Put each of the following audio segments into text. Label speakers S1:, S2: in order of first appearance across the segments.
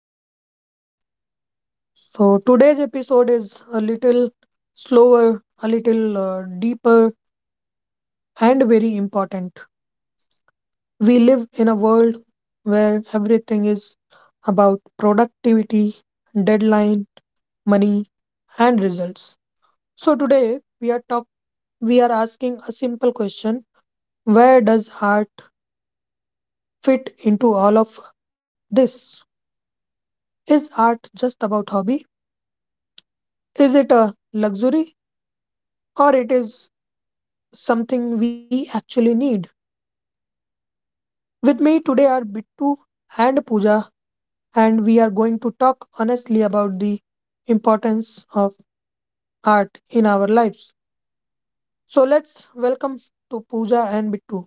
S1: to the podcast. So, today's episode is a little slower, a little deeper, and very important. We live in a world where everything is about productivity, deadline, money, and results. So, today we are talk we are asking a simple question, where does art fit into all of this? Is art just about hobby? Is it a luxury? Or it is something we actually need. With me today are Bittu and Pooja, and we are going to talk honestly about the importance of art in our lives. So let's welcome to Pooja and Bittu.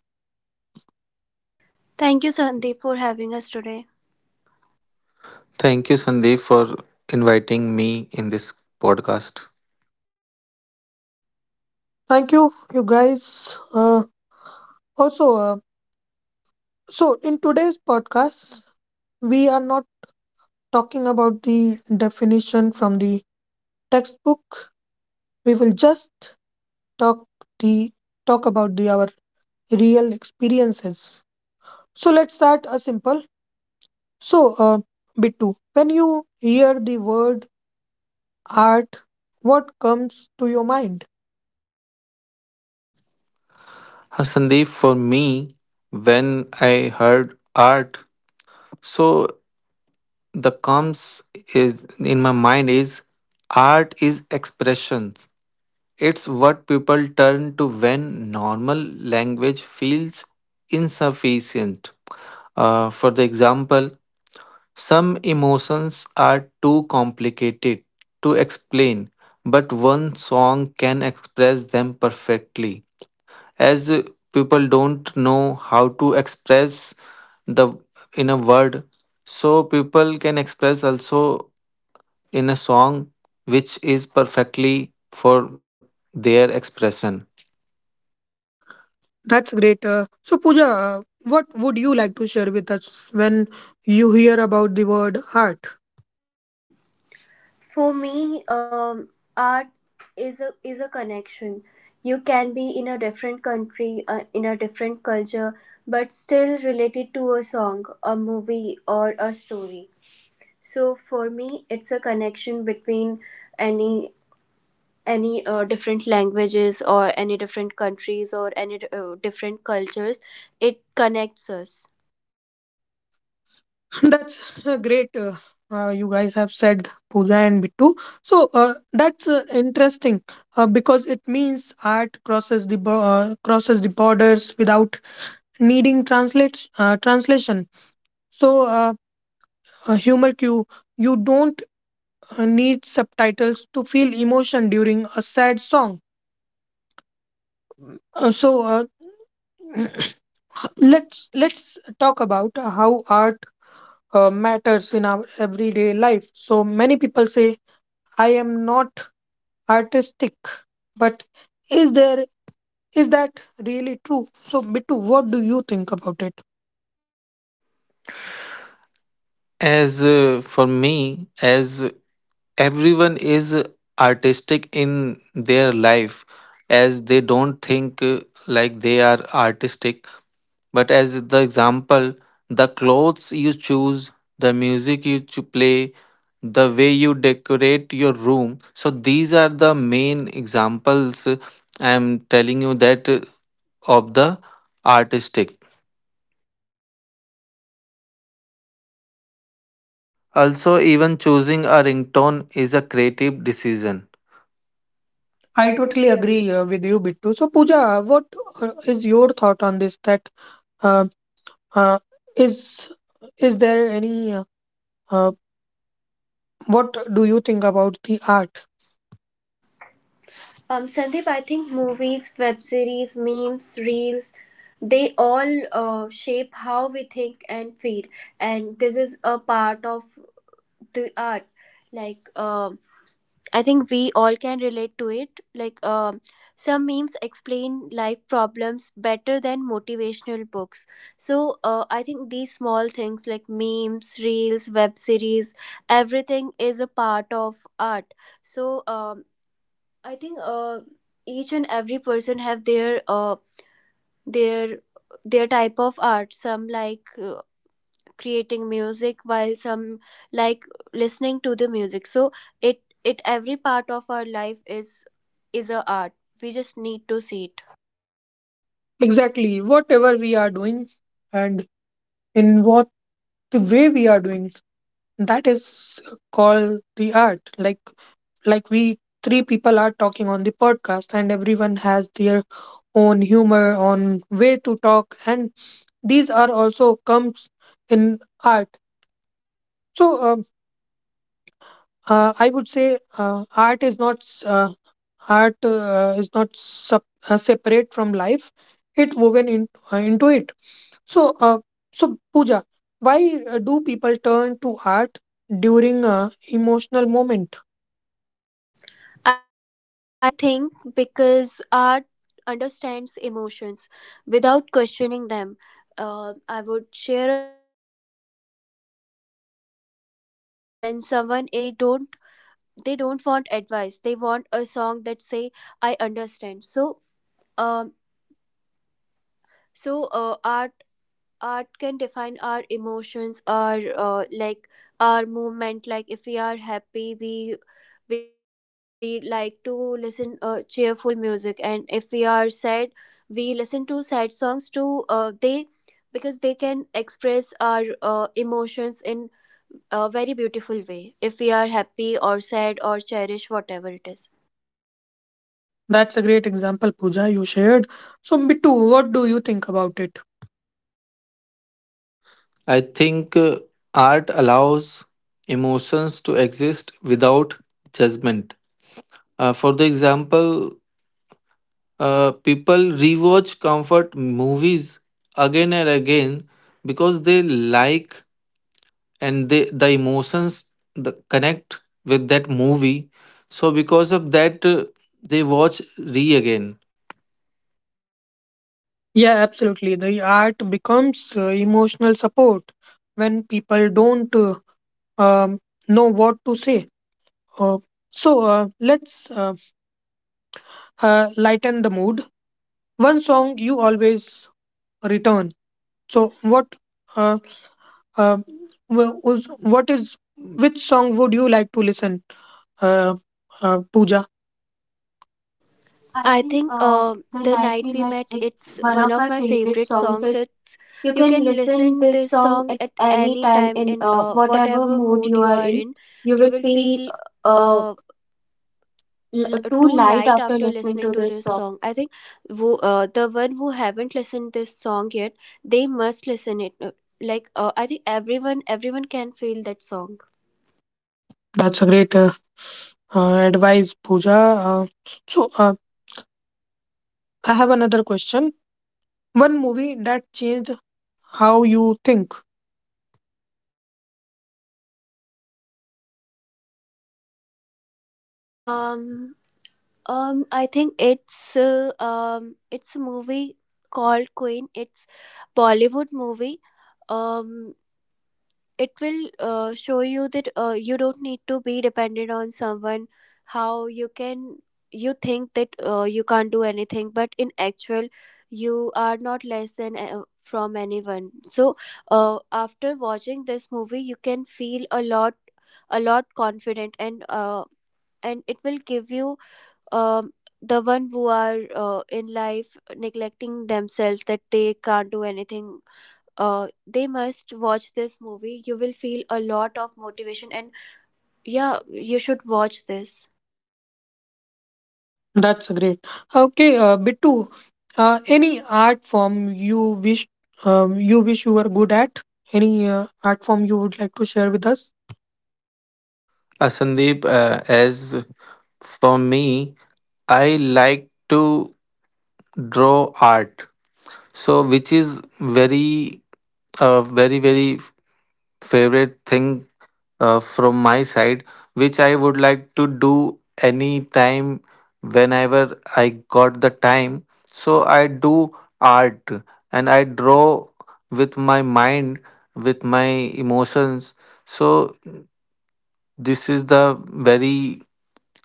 S2: Thank you, Sandeep, for having us today.
S3: Thank you, Sandeep, for inviting me in this podcast.
S1: Thank you, you guys. Also, so in today's podcast, we are not talking about the definition from the textbook. We will just talk the talk about the our real experiences. So let's start a simple. So, Bittu, when you hear the word art, what comes to your mind?
S3: Sandeep, for me, when I heard art, so the comes is in my mind is art is expressions. It's what people turn to when normal language feels insufficient. For the example, some emotions are too complicated to explain, but one song can express them perfectly. As people don't know how to express the in a word, so people can express also in a song which is perfectly for their expression.
S1: That's great. So, Pooja, what would you like to share with us when you hear about the word art?
S2: For me, art is a connection. You can be in a different country, in a different culture, but still related to a song, a movie, or a story. So for me, it's a connection between any any different languages or any different countries or any different cultures. It connects us.
S1: That's great. You guys have said Pooja and Bittu. So, that's interesting because it means art crosses the crosses the borders without needing translate translation. So. A humor cue. You don't need subtitles to feel emotion during a sad song. Uh, so uh, let's talk about how art matters in our everyday life. So many people say I am not artistic, but is there is that really true? So Bittu, what do you think about it?
S3: As for me, as everyone is artistic in their life as they don't think like they are artistic but as the example the clothes you choose the music you play the way you decorate your room, so these are the main examples, I am telling you that of the artistic, also even choosing a ringtone is a creative decision.
S1: I
S3: I
S1: totally
S3: totally agree.
S1: agree with you, Bittu. So Pooja, what is your thought on this? That uh, Uh, is is there any? Uh, what do you think about the art?
S2: Sandeep, I think movies, web series, memes, reels, they all shape how we think and feel. And this is a part of the art. Like, I think we all can relate to it. Like, some memes explain life problems better than motivational books. So, I think these small things like memes, reels, web series, everything is a part of art so I think each and every person have their their their type of art. Some like creating music, while some like listening to the music. So it, every part of our life is a art. We just need to see it.
S1: Exactly, whatever we are doing, and in what the way we are doing, that is called the art. Like we three people are talking on the podcast, and everyone has their own humor, on way to talk, and these are also comes in art. So um, I would say Art is not separate from life; it woven in, into it. So, so Pooja, why do people turn to art during a emotional moment?
S2: I think because art understands emotions without questioning them. I would share a small example with you. When someone is heartbroken, they don't want advice, they want a song that say I understand. So um so uh, art art can define our emotions, our like our movement. Like if we are happy, we like to listen cheerful music, and if we are sad, we listen to sad songs too. They because they can express our emotions in a very beautiful way, if we are happy or sad or cherish, whatever it is.
S1: That's a great example, Pooja, you shared. So, Bittu, what do you think about it?
S3: I think art allows emotions to exist without judgment. For the example, people rewatch comfort movies again and again because they like and they the emotions the connect with that movie. So because of that, they watch re again.
S1: Yeah, absolutely. The art becomes emotional support when people don't um, know what to say. Uh, so let's lighten the mood. One song you always return. So what uh, uh, wh- was- what is which song would you like to listen, uh, Pooja? I
S2: I
S1: think
S2: think
S1: The
S2: the
S1: Night We
S2: night we
S1: Met
S2: met,
S1: is
S2: it's
S1: one
S2: one
S1: of
S2: of
S1: my
S2: my
S1: favorite
S2: favorite
S1: songs.
S2: songs.
S1: Like,
S2: It's,
S1: you
S2: you
S1: can
S2: can
S1: listen
S2: listen
S1: this
S2: this
S1: song
S2: song
S1: at
S2: at
S1: any
S2: any
S1: time
S2: time
S1: in
S2: in
S1: whatever
S2: whatever
S1: mood
S2: mood
S1: you
S2: you
S1: are
S2: are
S1: in.
S2: in.
S1: You
S2: You
S1: will
S2: will
S1: feel
S2: feel
S1: uh,
S2: uh,
S1: too
S2: too
S1: light
S2: light
S1: after
S2: after
S1: listening
S2: listening
S1: to
S2: to
S1: this
S2: this
S1: song.
S2: song. I think who, the one who haven't listened this song yet, they must listen it. Like, I think everyone can feel that song.
S1: That's a great advice, Pooja. So uh, I have another question. One movie that changed how you think.
S2: Um, I think it's a movie called Queen. It's Bollywood movie. Um, it will show you that you don't need to be dependent on someone. How you can you think that you can't do anything, but in actual, you are not less than from anyone. So, after watching this movie, you can feel a lot, a lot confident, and and it will give you, um, the one who are in life neglecting themselves, that they can't do anything, they must watch this movie. You will feel a lot of motivation, and yeah, you should watch this.
S1: That's great. Okay, Bittu, any art form you wish you wish you were good at? Any art form you would like to share with us?
S3: Sandeep, as for me, I like to draw art. So, which is very, very, very favorite thing from my side, which I would like to do any time whenever I got the time. So, I do art and I draw with my mind, with my emotions. So, this is the very,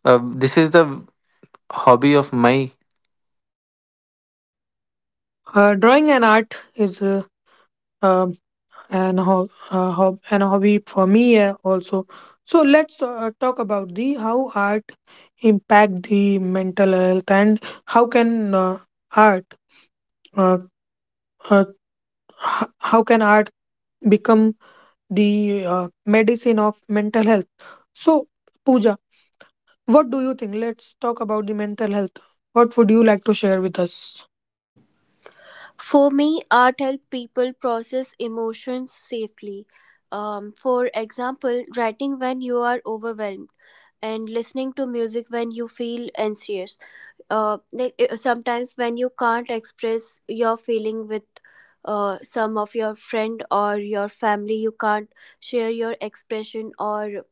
S3: this is the hobby of my.
S1: Drawing and art is um, an hobby for me also. So let's talk about the how art impact the mental health and how can art uh, uh, how can art become the medicine of mental health. So, Pooja, what do you think? Let's talk about the mental health. What would you like to share with us?
S2: For me, art helps people process emotions safely. For example, writing when you are overwhelmed and listening to music when you feel anxious. Like, sometimes when you can't express your feeling with some of your friend or your family, you can't share your expression or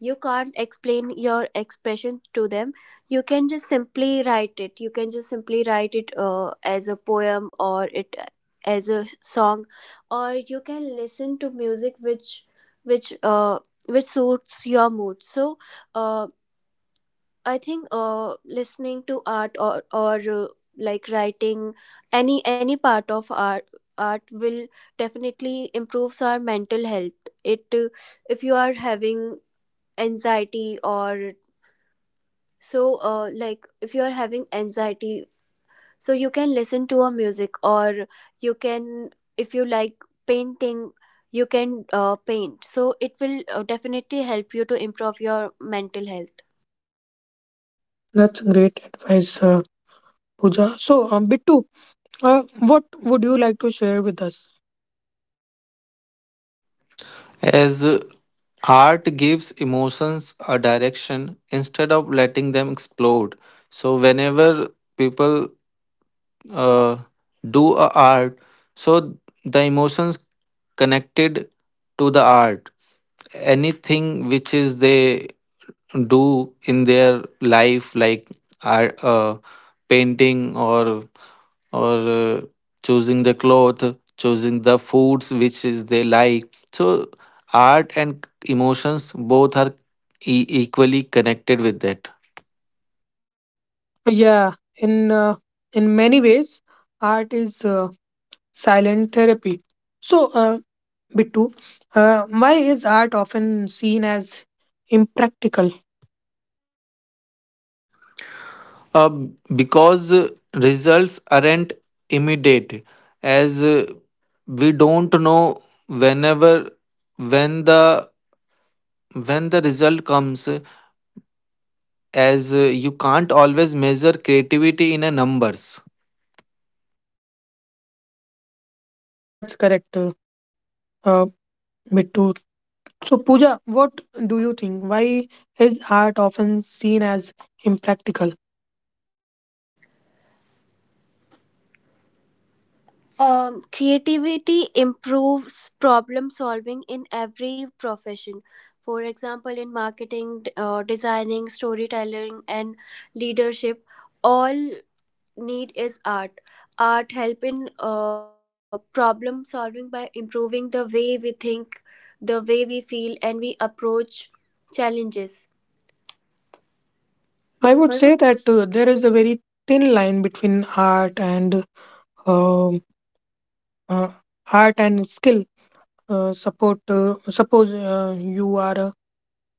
S2: you can't explain your expression to them. You can just simply write it. You can just simply write it as a poem, or it as a song, or you can listen to music which which uh, which suits your mood. So. Uh, I think listening to art, or like writing, any part of art will definitely improves our mental health. It if you are having anxiety, or so like if you are having anxiety, so you can listen to a music, or you can, if you like painting, you can paint, so it will definitely help you to improve your mental health.
S1: That's great advice, Pooja. So, Bittu, what would you like to share with us?
S3: As art gives emotions a direction instead of letting them explode. So, whenever people uh, do a art, so the emotions connected to the art, anything which is they do in their life, like art, painting or or uh, choosing the cloth, choosing the foods which is they like, so art and emotions both are equally connected with that.
S1: Yeah, in many ways, art is silent therapy. So, Bittu, why is art often seen as impractical?
S3: Uh, because results aren't immediate, as we don't know whenever when the when the result comes, as you can't always measure creativity in a numbers.
S1: That's correct, uh, Bittu. So, Pooja, what do you think? Why is art often seen as impractical?
S2: Creativity improves problem solving in every profession. For example, in marketing, designing, storytelling, and leadership, all need is art. Art help in problem solving by improving the way we think, the way we feel, and we approach challenges.
S1: So, I would say that there is a very thin line between art and um uh, art and skill. Support. Suppose you are a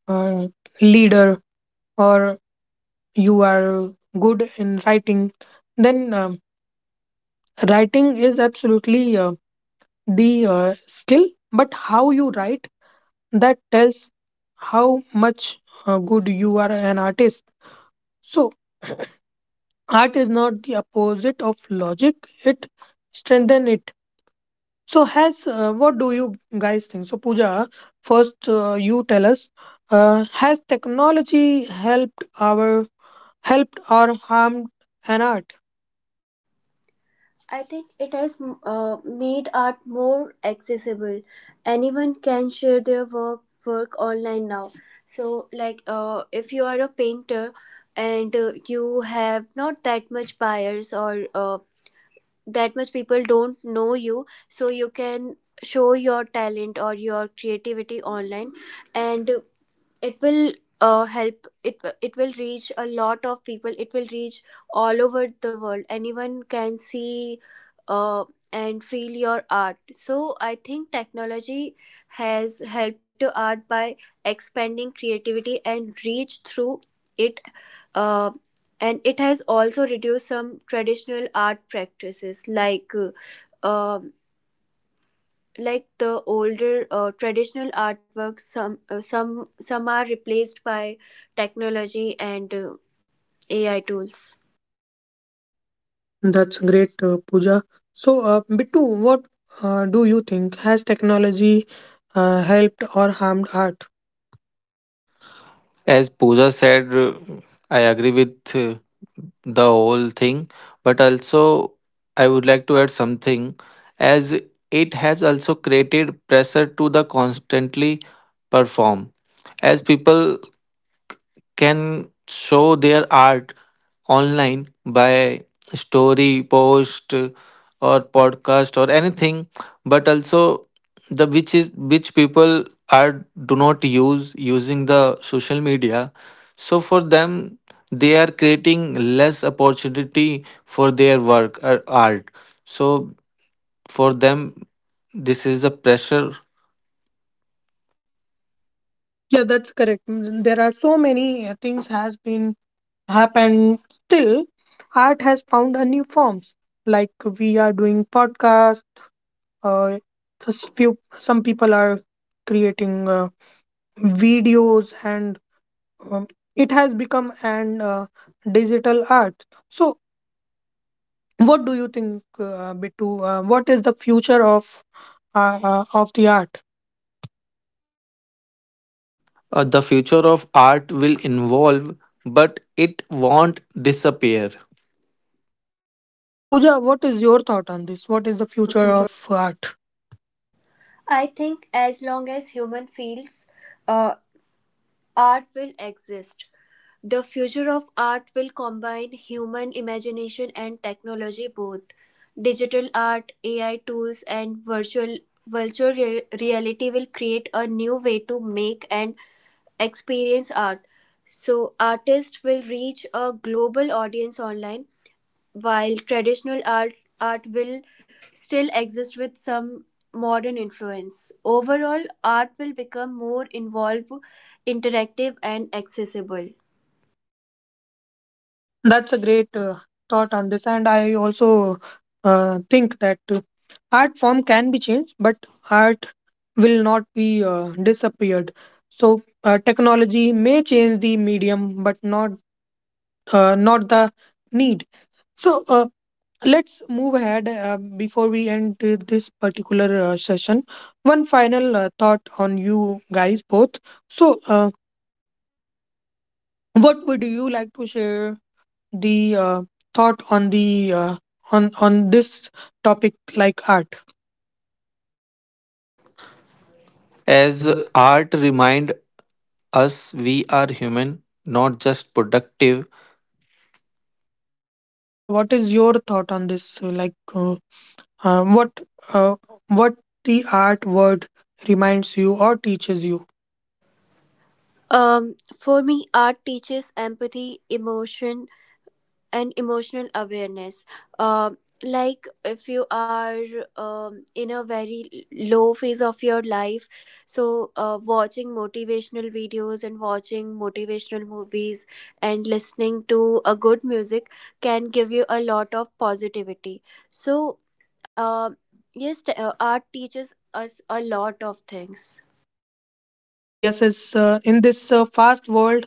S1: uh, leader or you are good in writing, then writing is absolutely the skill. But how you write that tells how much good you are an artist. So, art is not the opposite of logic, it strengthens it. So, has what do you guys think? So, Pooja, first you tell us has technology helped our helped or harmed an art?
S2: I think it has made art more accessible. Anyone can share their work online now. So, like, if you are a painter, and you have not that much buyers, or that much people don't know you, so you can show your talent or your creativity online, and it will help, it will reach a lot of people, it will reach all over the world, anyone can see uh, and feel your art. So I think technology has helped to art by expanding creativity and reach through it, uh, and it has also reduced some traditional art practices um like the older traditional artworks, some are replaced by technology and AI tools.
S1: That's great, Pooja. So, Bittu, what do you think? Has technology helped or harmed art?
S3: As Pooja said, I agree with the whole thing, but also I would like to add something, as it has also created pressure to the constantly perform as people can show their art online by story post or podcast or anything, but also the which is which people are do not use using the social media, so for them they are creating less opportunity for their work or art, so for them this is a pressure.
S1: Yeah, that's correct. Mm, there are so many things has been happened. Still, art has found a new forms. Like we are doing podcasts. Uh, few some people are creating videos, and um, it has become an digital art. So, what do you think, Bittu? What is the future of the art?
S3: The future of art will involve but it won't disappear
S1: So, Pooja, what is your thought on this? What is the future of art?
S2: I think as long as human feels, uh, art will exist. The future of art will combine human imagination and technology both. Digital art, AI tools, and reality will create a new way to make and experience art. So artists will reach a global audience online, while traditional art will still exist with some modern influence. Overall, art will become more involved, interactive and accessible.
S1: That's a great thought on this, and I also think that art form can be changed, but art will not be disappeared. So technology may change the medium, but not the need. So let's move ahead before we end this particular session. One final thought on you guys both. So what would you like to share the thought on the on this topic like art.
S3: as
S2: As
S3: art remind us we are human not just productive.
S1: Pooja, what is your thought on this? Uh, what uh, what the art word reminds you or teaches you?
S2: For me, art teaches empathy, emotion, and emotional awareness. Like if you are in a very low phase of your life, so watching motivational videos and watching motivational movies and listening to a good music can give you a lot of positivity. So, uh, yes, art teaches us a lot of things.
S1: Yes, it's in this fast world.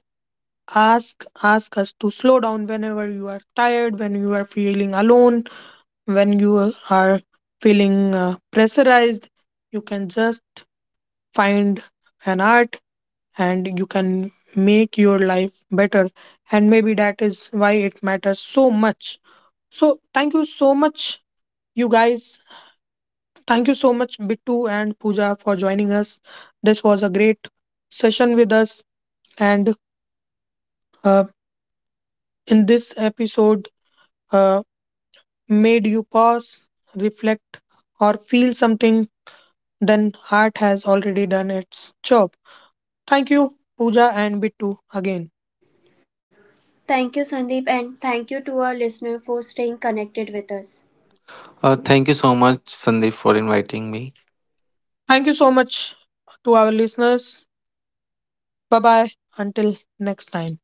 S1: Ask us to slow down whenever you are tired, when you are feeling alone, when you are feeling pressurized. You can just find an art and you can make your life better, and maybe that is why it matters so much. So thank you so much, you guys. Thank you so much, Bittu and Pooja, for joining us. This was a great session with us. And uh, in this episode uh, made you pause, reflect, or feel something, then art has already done its job. Thank you, Pooja and Bittu, again.
S2: Thank you, Sandeep, and thank you to our listener for staying connected with us.
S3: Thank you so much Sandeep for inviting me.
S1: Thank you so much to our listeners. Bye bye. Until next time.